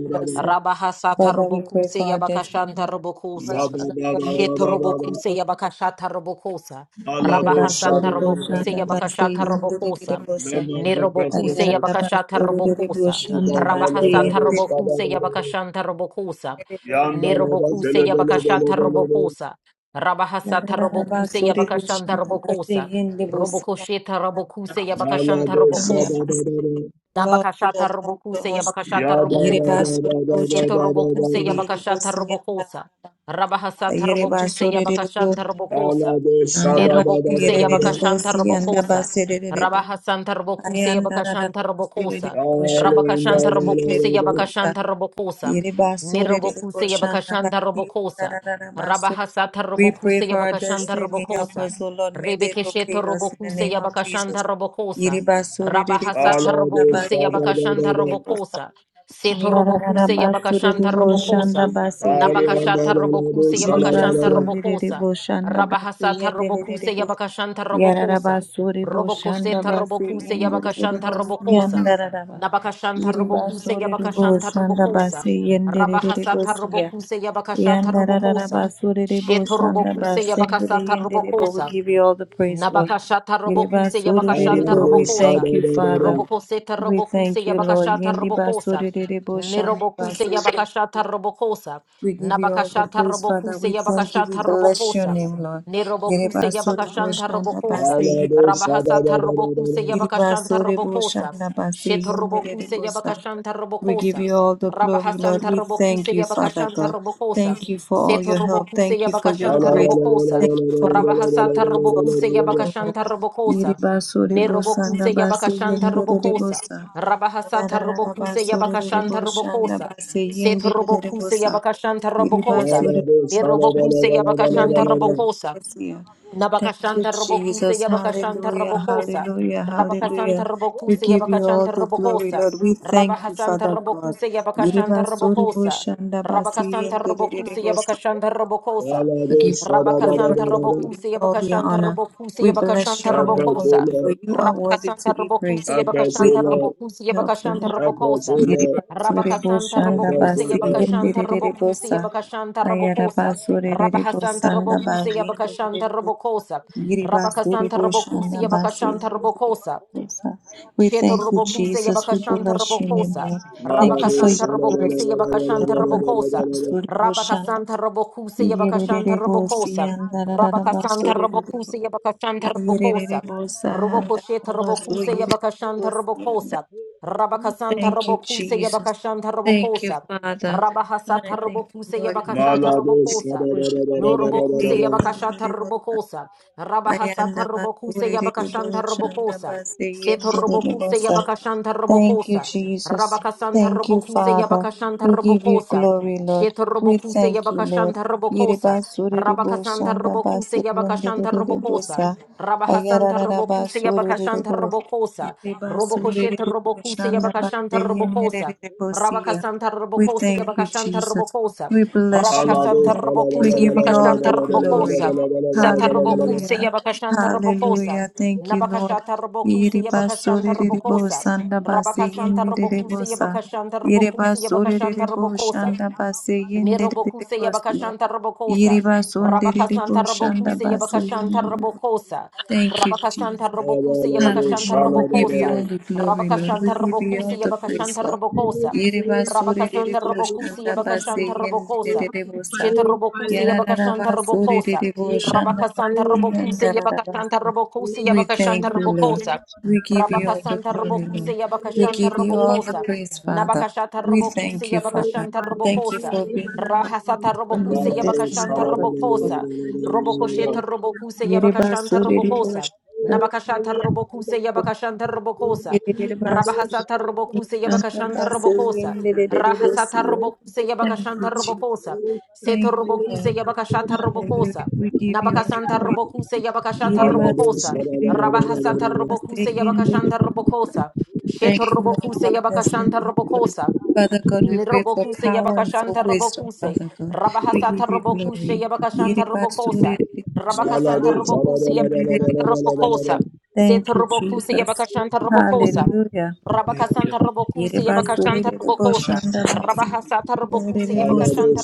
Father, we pray Rabahasatarabokusa for our destiny. Yabakashantarabokusa. First, Father God, may you locate Yababa, Shetarabokusa us. Yabakashatarabokusa. Malado Yerebasore Shadaba, Rabahasatarabokusa boshanda base Yabakashatarabokusa. yenderere let bosa. my helpers Nirobokusa locate Ayarara me. basore rere Yabakashatarabokusa. boshanda base Zabalado yenderere Rabahasatarabokusa Shadaba, Yabakashantarabokusa. bosa. Yandalaba, Nirobokuse Yabakashata Robokosa. Rabahasata Yarara Robokuse basore Yabakashanta boshanda base Robokosa. yende bosa. Robokosheta Robokuse Yabakashanta Malado Yanda Robokosa. base Shadaba, yende. Lord, be Dabakashata upon to Robokuse us. Yabakashata Hallelujah. Robokosa. Yerebasore boshanda Seto Robokuse base yende Yabakashata bosa. Yanda rara Robokosa. ba. Rabahasata Robokuse Yerebasore rere Yabakashanta bosa. Robokosa. Anda basi Nerobokuse basirere Yabakashanta bosi anda Robokosa. basi basirere bo Ramhanda Rabahasanta Robokuse ayanda rara Yabakashanta basirere Robokosa. bo shanda Rabakashanta basirere Robokuse bosa Yabakashanta Robokosa. yere basurere bo Nerobokuse shanda Yabakashanta basi Robokosa. anda rara basu. Rabahasata We pray Robokuse for our Yabakashanta destiny. Help Robokosa. us, O Lord. May they Rebekesheto locate us in the Robokuse name of Yabakashanta Jesus. Robokosa. Yere basurere bo Rabahasata shanda robokuse basirere yabakashanta bosa. robokosa. Seto Ayanda rara robokuse basurere yabakashanta bo shanda robokosa. Nabakashata robokuse yabakashanta Iribasondere robokosa. boshanda basi Rabahasata yenderere robokuse bo. yabakashanta robokosa. Yararabasore boshanda Robokoseta basi robokuse yenderere yabakashanta bo. robokosa. Rampandala Yandararaba. Jokora Nabakashanta Bakati, robokuse Iribasore Lisa yabakashanta boshanda Kiri robokosa. basi Sinda yenderere Yakazo bo Rabahasata Pedra siya. robokuse Rita yabakashata Bu, robokosa. Yandararabasore Sheto boshanda robokuse basi yabakasata yenderere bo. We robokosa. give you all the praise, Lord. Nabakashata robokuse Iribasore yabakashanta bo. We thank robokosa. you, Father. Robokoseta We thank robokuse you, Lord. yabakashata robokosa. Yendibasore boshanda Nirobokuse basi yabakashata robokosa. we give you all the Nabakashata praise, Father. robokuse We thank you. We yabakashata bless your robokosa. name, Lord. Nirobokuse yabakashanta robokosa. Rabahasata robokuse yabakashanta Yiribasorebo robokosa. shandabase Sheta robokuse yendererebosa. yabakashanta We give robokosa. you all the glory, Lord. Rabahasanta We thank robokuse you, Father yabakashanta God. Thank robokosa. you for all Seto your help. robokuse Thank you for your yabakashanta grace. robokosa. Thank you for mercy. Rabahasata Thank you for robokuse favor, O Lord. yabakashanta robokosa. Yiribasorebo Nerobokuse sandabase yabakashanta robokosa. yendererebosa. Rabahasata Rampanda liya robokuse kazi sura Yarararabasorebo yabakashanta patatu robokosa. shandabase Thank Set robokuse yendererebosa. yabakashanta robokosa. Yiribasorebo Nerobokuse yabakashanta Thank robokosa. you, Nabakashanta Robokuse Jesus. Yabakashanta Hallelujah. Robokosa. Hallelujah. Rabakasanta Hallelujah. We Robokuse give you all Yabakashanta the glory, Robokosa. Lord. We thank you, Rabahasanta Father God. Robokuse We give you Yabakashanta all Robokosa. the Rabakasanta Robokuse Yabakashanta Robokosa. Rabakasanta praise. We give Robokuse you. you all the Yabakashanta honor. Robokuse We bless Yabakashanta your name, O Lord, Robokosa. for you are worthy to Rabakasanta be Robokuse praised. We Yabakashanta thank you Robokuse for help, O Lord. Yabakashanta Robokosa. Yereba Rabakasanta boshanda Robokuse basi Yabakashanta yenderere Robokuse bosa Yabakashanta ayara Robokosa. basorere Rabahasanta bosanda ba Robocusia Bacashanta yenderere Robocosa, yereba sore Rabacasanta boshanda Robocusia basi Bacashanta yenderere Robocosa, bosa. We thank you, Shetorobokuse Jesus. We Yabakashanta bless your name, Robokosa. Lord. Thank you for Malados, Rabakasanta your Ramhanda la Robokuse grace. zekaya Yabakashanta kate, Robokosa. ye Basore kababa bo boshanda Rabakasanta sakaya Robokuse kate, yerere Yabakashanta bosi Robokosa. yandarara Zika banda Rabakasanta basore Robokuse liakate, Yabakashanta zika ayerere Robokosa. parakanda bosa handa liakata, Robokosheta basu Robokuse reka baba Yabakashanta bolsa kaya Robokosa. kate, zika Rabakasanta Thank you, rabasa Robokuse kaya Jesus. kaya Yabakashanta kate, Thank you, Robokosa. zika Father. Rabahasata I thank you, Robokuse Lord. zika Yabakashata Yerigas rabol, Malados, Robokosa. Kuribusha, zika Norobokuse Namasi, anda zika Yabakashata kaya Kuribusa, Robokosa. kaya, Rabahasata Ayanda Rapanda Robokuse Zika Bakuri, Yabakashanta Ribushanda Robokosa. Basi, Seto robokuse Yendiribusa. yabakashanta Thank you, robokosa. Jesus. Rabakasanta Thank you, robokuse Father. yabakashanta We give you robokosa. glory, Lord. Sheto We robokuse thank you, Lord. yabakashanta robokosa. Yiriba suriribu Rabakasanta shanda robokuse basi yabakashanta yundiribu robokosa. sa. Rabahasanta Pele, Ayarararaba robokuse Kenda Zika yabakashanta Pa, suriribu. robokosa. Yiriba Robokosheto suriribu robokuse shanda yabakashanta robokosa. siya. Rabakasanta We robokose thank you, yabakashanta Jesus. robokosa. We bless you. Rabakasanta name. We robokuse give you all yabakashanta the robokosa. glory. Satarobokuse Hallelujah. yabakashanta robokosa. Hallelujah. Thank you, Lord. Nabakashata Rabokuse Yabakashanta Rakonda liya Iribasorerebo Rabokosa. kazenda liya sandabase kata, Rabakasanta Rabokuse yendererebosa. rakuta ya Yabakashanta kandiki Rabokuse kaya kati, Yabakashanta Iribasorerebo Rabokosa. shandabase Rekabambanda Zebeda Nerobokuse yendererebosia. Yabakashanta Posata, Robokosa. Rakusu Zebeda Iribasondererebo Rabakasanta Posanda, Robokuse Yasa shandabase Yabakashanta Zebekatu, yendererebo. Robokosa. Intalabe Thank you, Tiribo Jesus. Rabakasanta Robokuse Sandala Zebeda Yabakashanta Hallelujah. We give you Robokosa. all Posataya, the glory, Lord. Rampanda We Rabakashanta Thank give you Robokuse all Yakarabasa the praise, Yabakashanta Tiribo Lord. Robokosa. Posataya Yereba Katu, sore Rabakasanta derebo Robokuse shanda Repampanda Yakaramasa. base Yabakashanta yende Robokosa. derebo sa. Sheta Robokuse Yabakashanta Yarararaba Bazikatea, sore Robokosa. derebo shanda base Rabakasanta Robokuse Rekababoshatea yandararaba Katea, Yabakashanta sa. Robokuse We Yabakashanta thank you, Rekapandala Lord. Robokosa. We give Vikurabakatea, you all the Rabakasanta glory, Robokuse Lord. Vikanda We Yabakashanta give you all the Vikapotendala Robokosa. praise, Vivelaba, Father. Nabakashata We Robokuse thank you, Father. Yabakashanta Kajakate, Thank you Robokosa. for being our Rakutuzela Rahasata friend Bandala and robokuse our destiny yabakashanta Vivekate, helper to us. robokosa. Rakutuzela Robokosheta robokuse Pomkataya, Yereba yabakashanta sore derebo robokosa. Lekendala shanda Viveka Nabakashata Pandala, robokuse you. yabakashanta Kajikurabakatea Thank robokosa. Kabokata, Rabahasata Ikate robokuse Kenetenda yabakashanta robokosa. Zikatea, Rahasata Yererebasuriyandarabasuriyandererebosiya. robokuse Thank you, yabakashanta Ikarabakatea. Jesus. robokosa. Seto Thank you, robokuse Lord. yabakashata Hallelujah. robokosa. We give you all the Nabakasanta praise. robokuse yabakashata Malados, robokosa. Rabahasata robokuse yabakashanta Yererebasuriyandarabasuriyandererebosiya. robokosa. Thank Sheto you, Lord, robokuse for our destiny yabakashanta helpers. robokosa. Father God, we pray for Robokuse power and for Yabakashanta wisdom, Robokuse, Father God. We Rabahasata give you Robokuse glory. Yabakashanta Robokosa, Rabakasanta Yererebasuriyandarabasuriyandererebosiya. Robokuse Yabakashanta Robokosa, Set Thank you, Robokuse Jesus. Yabakashanta Robokosa, Hallelujah. Thank you. Rabakasanta Yere Robokuse basere Yabakashanta rere Thank you. Robokosa, boşanda basi. Rabahasata Robokuse Rere bosi Yabakashanta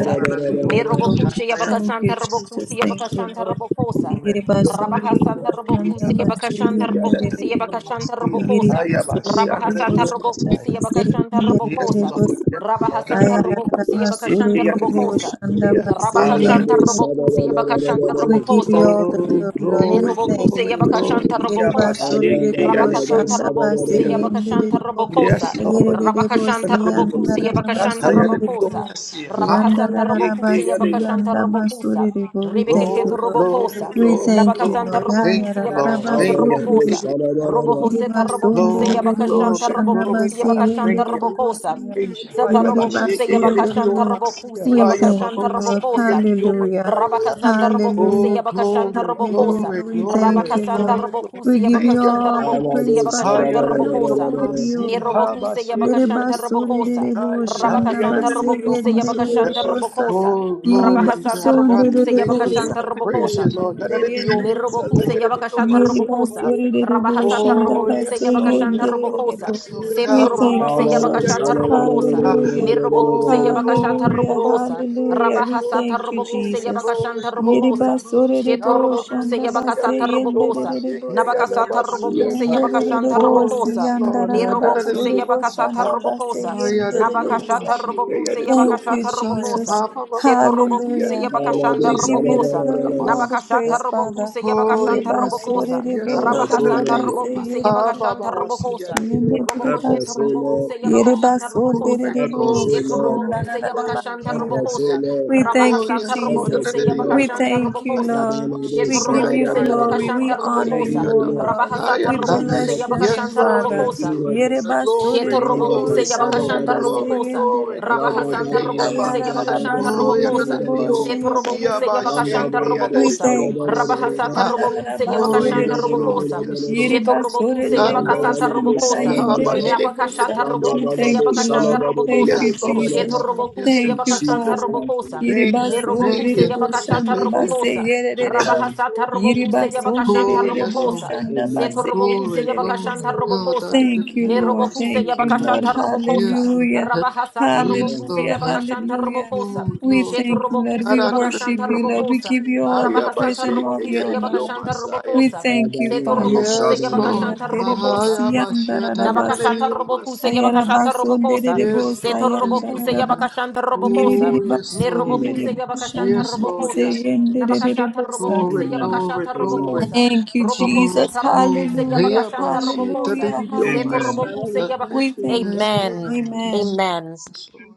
Lord. basere rere bo. Nerobokushe Thank you Yabakasanta Jesus, Robokuse thank you Yabakashanta Lord. Robokosa, Yere basere rere Rabahasanta boşanda Robokuse basere Yabakashanta yandere Robokuse rere bo. Yabakashanta Yere Robokosa, basere rere Rabahasata boşanda Robokuse basere Yabakashanta yandere Yes, rere Robokosa, bo. Lord. Yes, Lord. Rabahasanta Ayarara Robocusi basere Yabakashanta rere Robocosa. Thank boşanda you. Rabakashanta Rampanda basere Robocusi Yabakashanta we give Robocosa. you all the Oh, glory, Lord. We glory, thank Nerobokuse glory, you. glory. Yabakashanta Yereba Robokosa. sore derebo Rabakasanta shanda base Robokuse yende Yabakashanta derebo. Robokosa. Yes, Yere Lord. Yes. derebo si Rabakashanta Hallelujah. yanda Robokuse raraba Yabakashanta sore derebo. Robokosa. Shatayadidiomasia. Hama. Yanda Rabahasanta raraba Robokuse si Ikiyadiom. Yabakashanta yanda Robokosa. basore derebo. We thank Rebekeshet you, Glory, Lord. glory, Robokosa. We glory, thank you, Nabakasanta glory. Lord. Thank Robokuse Ayara you, Lord. raraba Yabakashanta Thank you, sore Robokosa. thank derebo. you. Robohoseta Robokuse Glory, Yerebasonererebo Yabakashanta glory, you. glory, Robokuse shandabase God. Yabakashanta Thank you. Yakura banda Robokosa. la yendererebosia. Thank you. zebena Sata Haya puta da Robokuse basheke banda tienda Yerebasorerebo. Yabakashanta tu. yadidiomasia. Robokuse We Rika Haya thank baba you, Yabakashanta ya Lord. mamamasata Robokosa. kapaya. Hallelujah. Rika baba Rabaka yadidiomasaya. ya Santa kapaya Robocuse Oh, Hallelujah. zebena Yabaka pa. Shanta glory, Eka ya Robocosa. Hallelujah. glory, We banda tuya thank glory, Rabaka you, Santa Lord. glory, kapaya. We Robocuse Sonda glory. give Yabaka you Thank zia you, na Santa Lord. all tuya the la Lord. Robocuse praise, Yabaka bagenda Father, dia. Shanta for you Na are Robocosa. kutu worthy, Hayaradidiomasi, O zebena Lord. puta ka. Nirobocuse Yabaka habasheke Shanta Thank you. yadidiomasi, Robocosa. Yerebasorerebo I'm not Rabaka Santa shandabase a Robocuse hayaradidiomasi. good Yabaka person. I'm yendererebosa. not a Robocosa. Oh, glory good Rabaka to God. person. I'm God, I Robocuse Yerebasonererebo thank Yabaka you. God, I not a good praise Robocosa. you, person. Lord. I'm not shandabase yendererebosia. a Hayaradidiomasi, good Nirobokuse Yabakashata We hayaradidiomasi. person. I'm not thank a Robokosa. you, Rabahasata Oh, Robokuse yes, good Lord, Yabakashanta yes, Lord, Robokosa. yes, Lord. Set Ah, person. ma, ma, Robokuse ma, si, Lord. da, da, Yabakashata di, oh, ma. Robokosa. Ah, Hallelujah. Nirobokuse oh, Yabakashata Thank glory, Hallelujah. you. Robokosa. glory, Hallelujah. glory, We Rabahasata glory, thank you, Robokuse glory, Jesus. glory, Yabakashanta glory, Robokosa. glory. Shet Ah, Yeribasorerebo ma, ma, I'm not a Robokuse ma, si, da, shandabase da, Yabakasata di, good person. oh, ma, Robokosa. she, ke, ya, yendererebosa. da, Iya Nabakasata ba, si, pali ya. Robokuse Ah, pali Yabakashanta pali Oh, Yendererebosi Robokosa. yes, katanya Lord. Ah, na, na, kado na, Nirobokuse di, oh, yandararabasorebo sini ma. Yabakasata Ah, kuman shandabase Robokosa. ah, ya, da, mereka di, oh, pali ma, Nabakashata yendererebosa. she, pali ke, ya, da, Robokuse di, oh, Thank ma, you, kado Yabakashata sa, sini ya. Robokosa. Jesus. Ah, kuman ma, ma, ma, Set ma, ma, si, ya, Robokuse da, Hallelujah. lakuna di, oh, kado ma, Yabakashanta We she, give sini ke, you ya, the Robokosa. da, Thank da, kuman da, glory and ma, all the si. Nabakashata ya. praise, pali Father. robokuse you. Oh, yabakashanta Yereba yes, pali sore robokosa. Lord. rebo pali Yes, Lord. shanda kado Rabahasanta sini robokuse kuman Ha, base ba, yabakashanta ba, ba, si, ya, robokosa. di, yo. pali pali Robokosheta Yerebaso, pali robokuse Oh, kado glory, yabakashanta sini yerebaso, kuman robokosa. glory, dererebosh, iya glory, Seto bapa glory, bapa robokuse saya glory, bapa yabakashanta yandarararabasia. glory. robokosa. We saya thank Oh, you, Rabahasanta yes, Lord. Jesus. robokuse kado We Adadadiyoma, sini yabakashanta thank kuman you, robokosa. Lord. Sheto We yadabasiya, give you robokuse glory. yabakashanta We yadadiyoma, honor sheke, you, robokosa. O Lord. Rabahasata We yadabasaya. Ah, Destiny robokuse help bless your us. name, Yes, yabakashanta Lord, Father. yes, robokosa. Destiny Lord. help us. Yerebaso, Sheta Glory, Ibalado robokuse glory, dererebosh, sada da glory, yabakashanta da da. yandabase, glory, robokosa. glory, yendererebo- Yada glory. da Rabahasanta da Hey, da Yaba. da robokuse da da da da yabakashanta Oh, Ayarararabaso, ba. da da robokosa. da da dererebosh, da. yadadadiyoma, Set robokuse siyaba, Yanda yendererebosa. yabakashanta sheke, balado We robokosa. sada thank you. da yadadadiyoma, da da da siya. da. Rabahasata We Ah, Thank robokuse Oh, yabakashanta Yanda yes, Thank bala you. Lord, bala robokosa. bala yes, bala. Lord, sheto yes, robokuse El Thank yanda yabakasata bala bala Natanadilo, sala robokosa. bala bala. Habashake, Nabakashata Yanda Yadidilo, bala robokuse Mas- bala you, sala yabakashanta Lord. bala bala Thank robokosa. you, Yes, bala Lord, bala Jesus. sheto bala. yes, Lord, robokuse yes, Lord, In Thank you, yes. yabakasanta Jesus' Father. mighty robokosa. name, Thank you, Thank you, amen, thank Nerobokuse you, Lord. thank you, yabakashata thank you. robokosa. Rabahasata robokuse yabakashanta Oh, yes, Lord. robokosa. Seto amen, robokuse Glory, yabakashanta glory. Ah, robokosa. da, da, da, da, Thank da, oh, my Nerobokuse spirit. you, Ah, Lord. Yabakashata amen, Robokosa. Yes, Lord. Hallelujah. Ah, Rabahasata Yes, Robokuse amen, Hallelujah. Lord. Ah, Yabakashanta Hallelujah. Oh, Robokosa. We Shet glory. thank you, Lord. Ah, Robokuse We da, da, da, da, worship Yabakashanta da, you, oh, my Lord. We Robokosa. give you spirit. Ah, all the yeah, my praise Rabahasata and shake, all the yeah, Robokuse da, honor, da, oh, Lord. my Yabakashanta Messiah. We Robokosa. amen, thank you, Seto Bala bala Father. Robokuse sala Yes, bala. Hallelujah. Lord. you. Yabakashanta Ah, Robokosa. yeah, my shake, yeah, da, da, Derebosyandarabasu. Nabakashata da, oh, my robokuse Messiah. yabakashata robokosa. Yes, Seto Lord. Yes, robokuse Lord. Ayarabasonderebosayandaraba. yabakashanta robokosa. Oh, yes, Lord. Nerobokuse amen, yabakashanta Yes, Lord. robokosa. Yes, Lord. Yes. Nabakashata Yiridiribasuririboshandabaseyenderebosa. robokuse Glory, amen, glory, yabakashata amen, glory. robokosa. Thank you, Robohose Oh, Jesus. glory. tarobokuse Hey, Hallelujah. yabakashanta Abba, shit. robokosa. Hallelujah. Seto Yes, amen. Hallelujah. robokuse Lord. We yabakash. thank you. Yes, Lord. Amen. Thank you. Amen. Amen. Yes, Lord.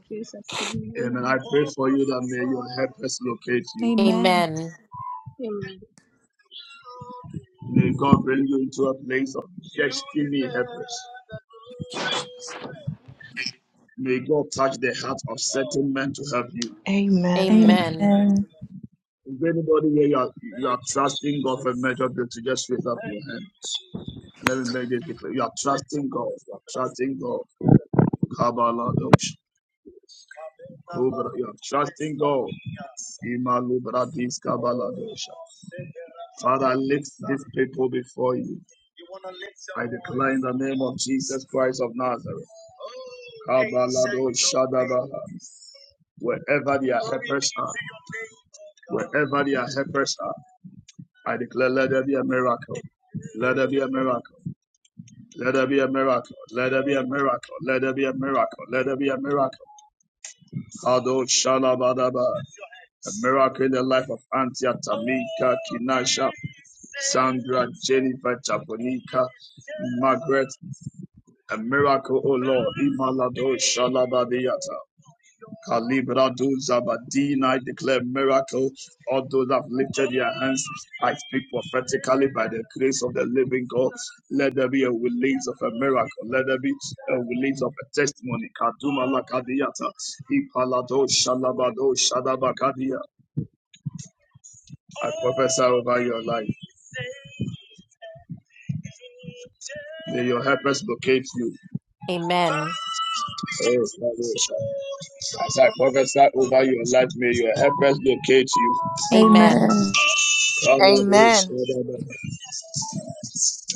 Amen. I pray for you that may your helpers locate you. Amen. Amen. May God bring you into a place of destiny helpers. May God touch the heart of certain men to help you. Amen. Thank you. Amen. Amen. If anybody here you are, you are trusting God for a major breakthrough, just raise up your hand. And let me make this declare. You are trusting God. You are trusting God. Kabaladosh. Kubra. You are trusting God. Imalubradis Kabaladosh. Father, I lift these people before you. I declare in the name of Jesus Christ of Nazareth. Kabaladosh Shadabaha. Wherever their helpers are, wherever their helpers are, I declare let there be a miracle. Let there be a miracle. Let there be a miracle. Let there be a miracle. Let there be a miracle. Let there be a miracle. Ado Shalabadaba. A miracle in the life of Antia Tamika, Kinasha, Sandra, Jennifer, Japonica, Margaret. A miracle, O Lord. Imalado Shalabadiata. Kalibrado Zabadina, I declare miracle. All those that have lifted their hands, I speak prophetically by the grace of the living God. Let there be a release of a miracle. Let there be a release of a testimony. Kaduma lakadiata, ipalado shalabado shadabakadia. I prophesy over your life. May your helpers locate you. Amen. Oh, As I prophesy over your life, may your helpers locate Amen. Amen. Amen. you.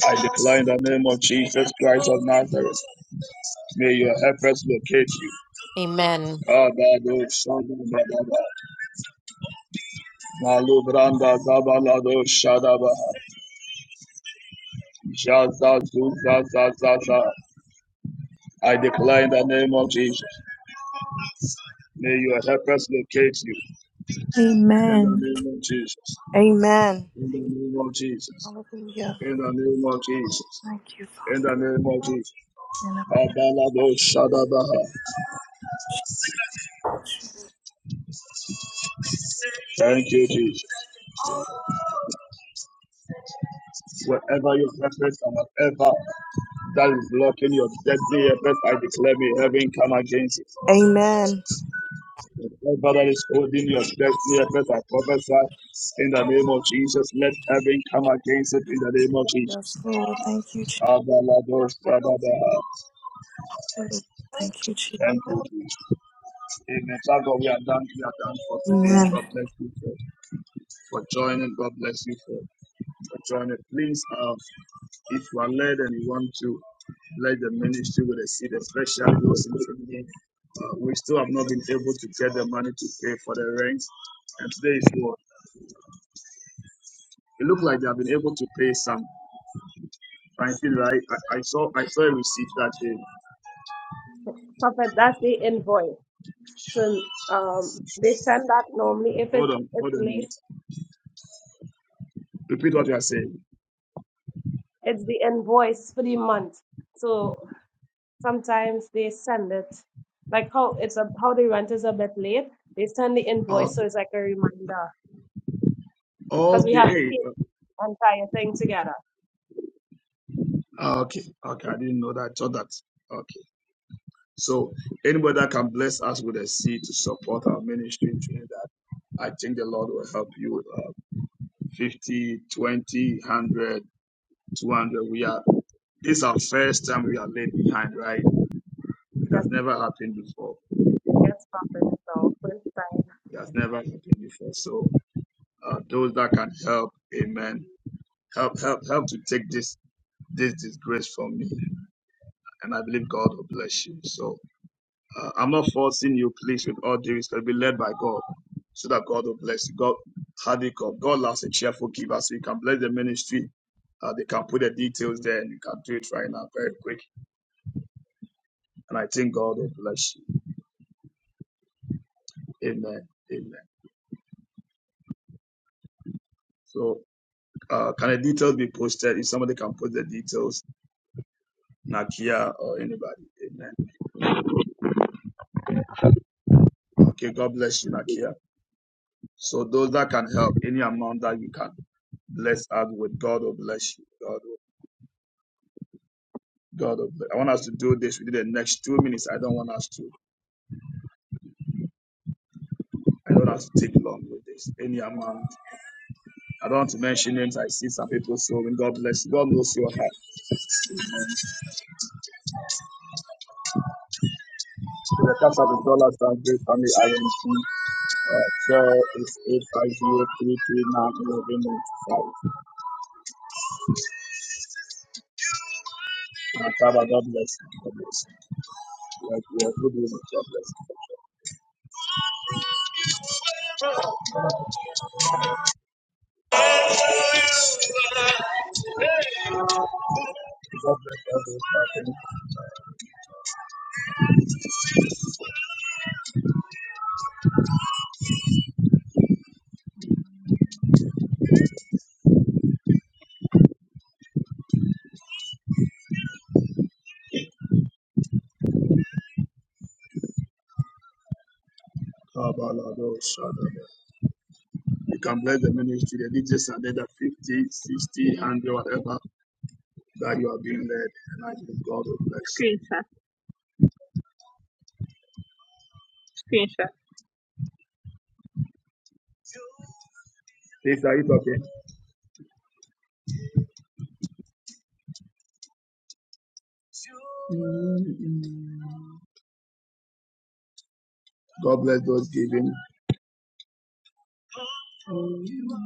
I declare in the name of Jesus Christ of Nazareth, may your helpers locate you. Amen. Kadado Shadabadaba, Malubranda Zabalado Shadaba, Jaza Zuza Zazaza. I declare in the name of Jesus, may your helpers locate you. In the Amen. name of Jesus, Amen. in the name of Jesus, Hallelujah. in the name of Jesus. Thank you, Father. In the name of Jesus. And, uh, Kabalado Shadabaha. Thank you, Jesus. Wherever you reference and whatever that is blocking your destiny, I declare me heaven come against it. Amen. Whatever that is holding your destiny, I prophesy in the name of Jesus. Let heaven come against it in the name of Yes, Jesus. Lord. Thank you, Abalados, abalados. Thank you, Thank Jesus. you, Jesus. Amen. So God, we are done. We are done for today. Amen. God bless you for, for joining. God bless you for, for joining. Please, um, If you are led and you want to let the ministry with a seed, especially those in Trinidad, uh, we still have not been able to get the money to pay for the rent. And today is what it looks like they have been able to pay some. I feel right. I, I saw I saw a receipt that day. Perfect. That's the invoice. So um, they send that normally if Hold it's on, it's hold on. a late, minute. Repeat what you are saying. it's the invoice for the month. So sometimes they send it like how it's a, how the rent is a bit late. They send the invoice, so Okay. it's like a reminder because we Okay. have to Hey. pay the entire thing together. uh, Okay. Okay. I didn't know that. I thought that. Okay. So anybody that can bless us with a seed to support our ministry in Trinidad, I think the Lord will help you. uh, 50, twenty, one hundred, two hundred. We are, this is our first time we are left behind, right? It Yes, has never happened before. yes, perfect. So first It has never happened before. So, uh, those that can help, amen. Help, help, help to take this, this disgrace from me. And I believe God will bless you. So, uh, I'm not forcing you, please, with all due respect, be led by God so that God will bless you. God, how do you call? God loves a cheerful giver. So you can bless the ministry. Uh, they can put the details there and you can do it right now very quick and I think God will bless you. Amen. Amen. So, uh, can the details be posted? If somebody can put the details, Nakia or anybody. Amen. Okay, God bless you, Nakia. So those that can help, any amount that you can bless us with, God will bless you. God will, God will bless. I want us to do this within the next two minutes. I don't want us to. I don't want us to take long with this. Any amount. I don't want to mention names. I see some people so when God bless you. God knows your heart. With the touch of the dollar sign, great family, I Girl is 850-339-1195. Uh, Father, God bless you. God bless you. Like we are good with it. God bless you. Kabalado Shadada. You can bless the ministry, the leaders are there, the 50, 60, one hundred, whatever that you are being led. And I think God will bless Screenshot, screenshot. you. Please, are you talking? Mm-hmm. God bless those giving. Mm-hmm.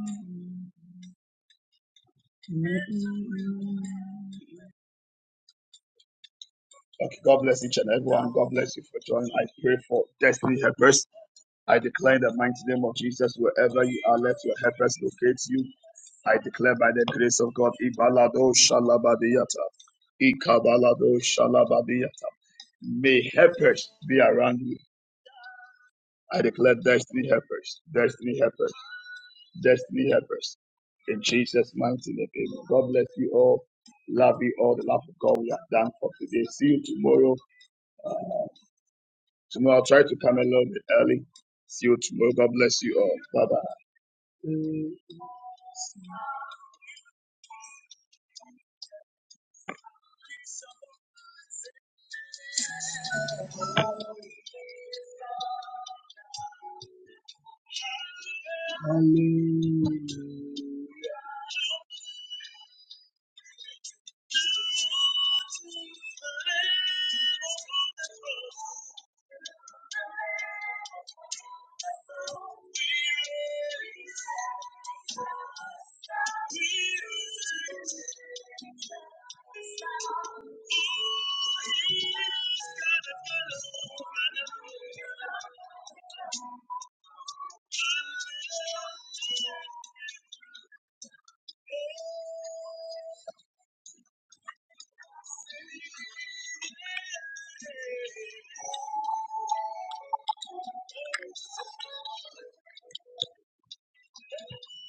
Okay, God bless each and everyone. God bless you for joining. I pray for destiny helpers. I declare in the mighty name of Jesus, wherever you are, let your helpers locate you. I declare by the grace of God, Ibalado shalabadiyata, Ikabalado shalabadiyata. May helpers be around you. I declare destiny helpers, destiny helpers, destiny helpers. In Jesus' mighty name, amen. God bless you all. Love you all. The love of God we are done for today. See you tomorrow. Tomorrow I'll try to come a little bit early. See you tomorrow. God bless you all. Bye bye.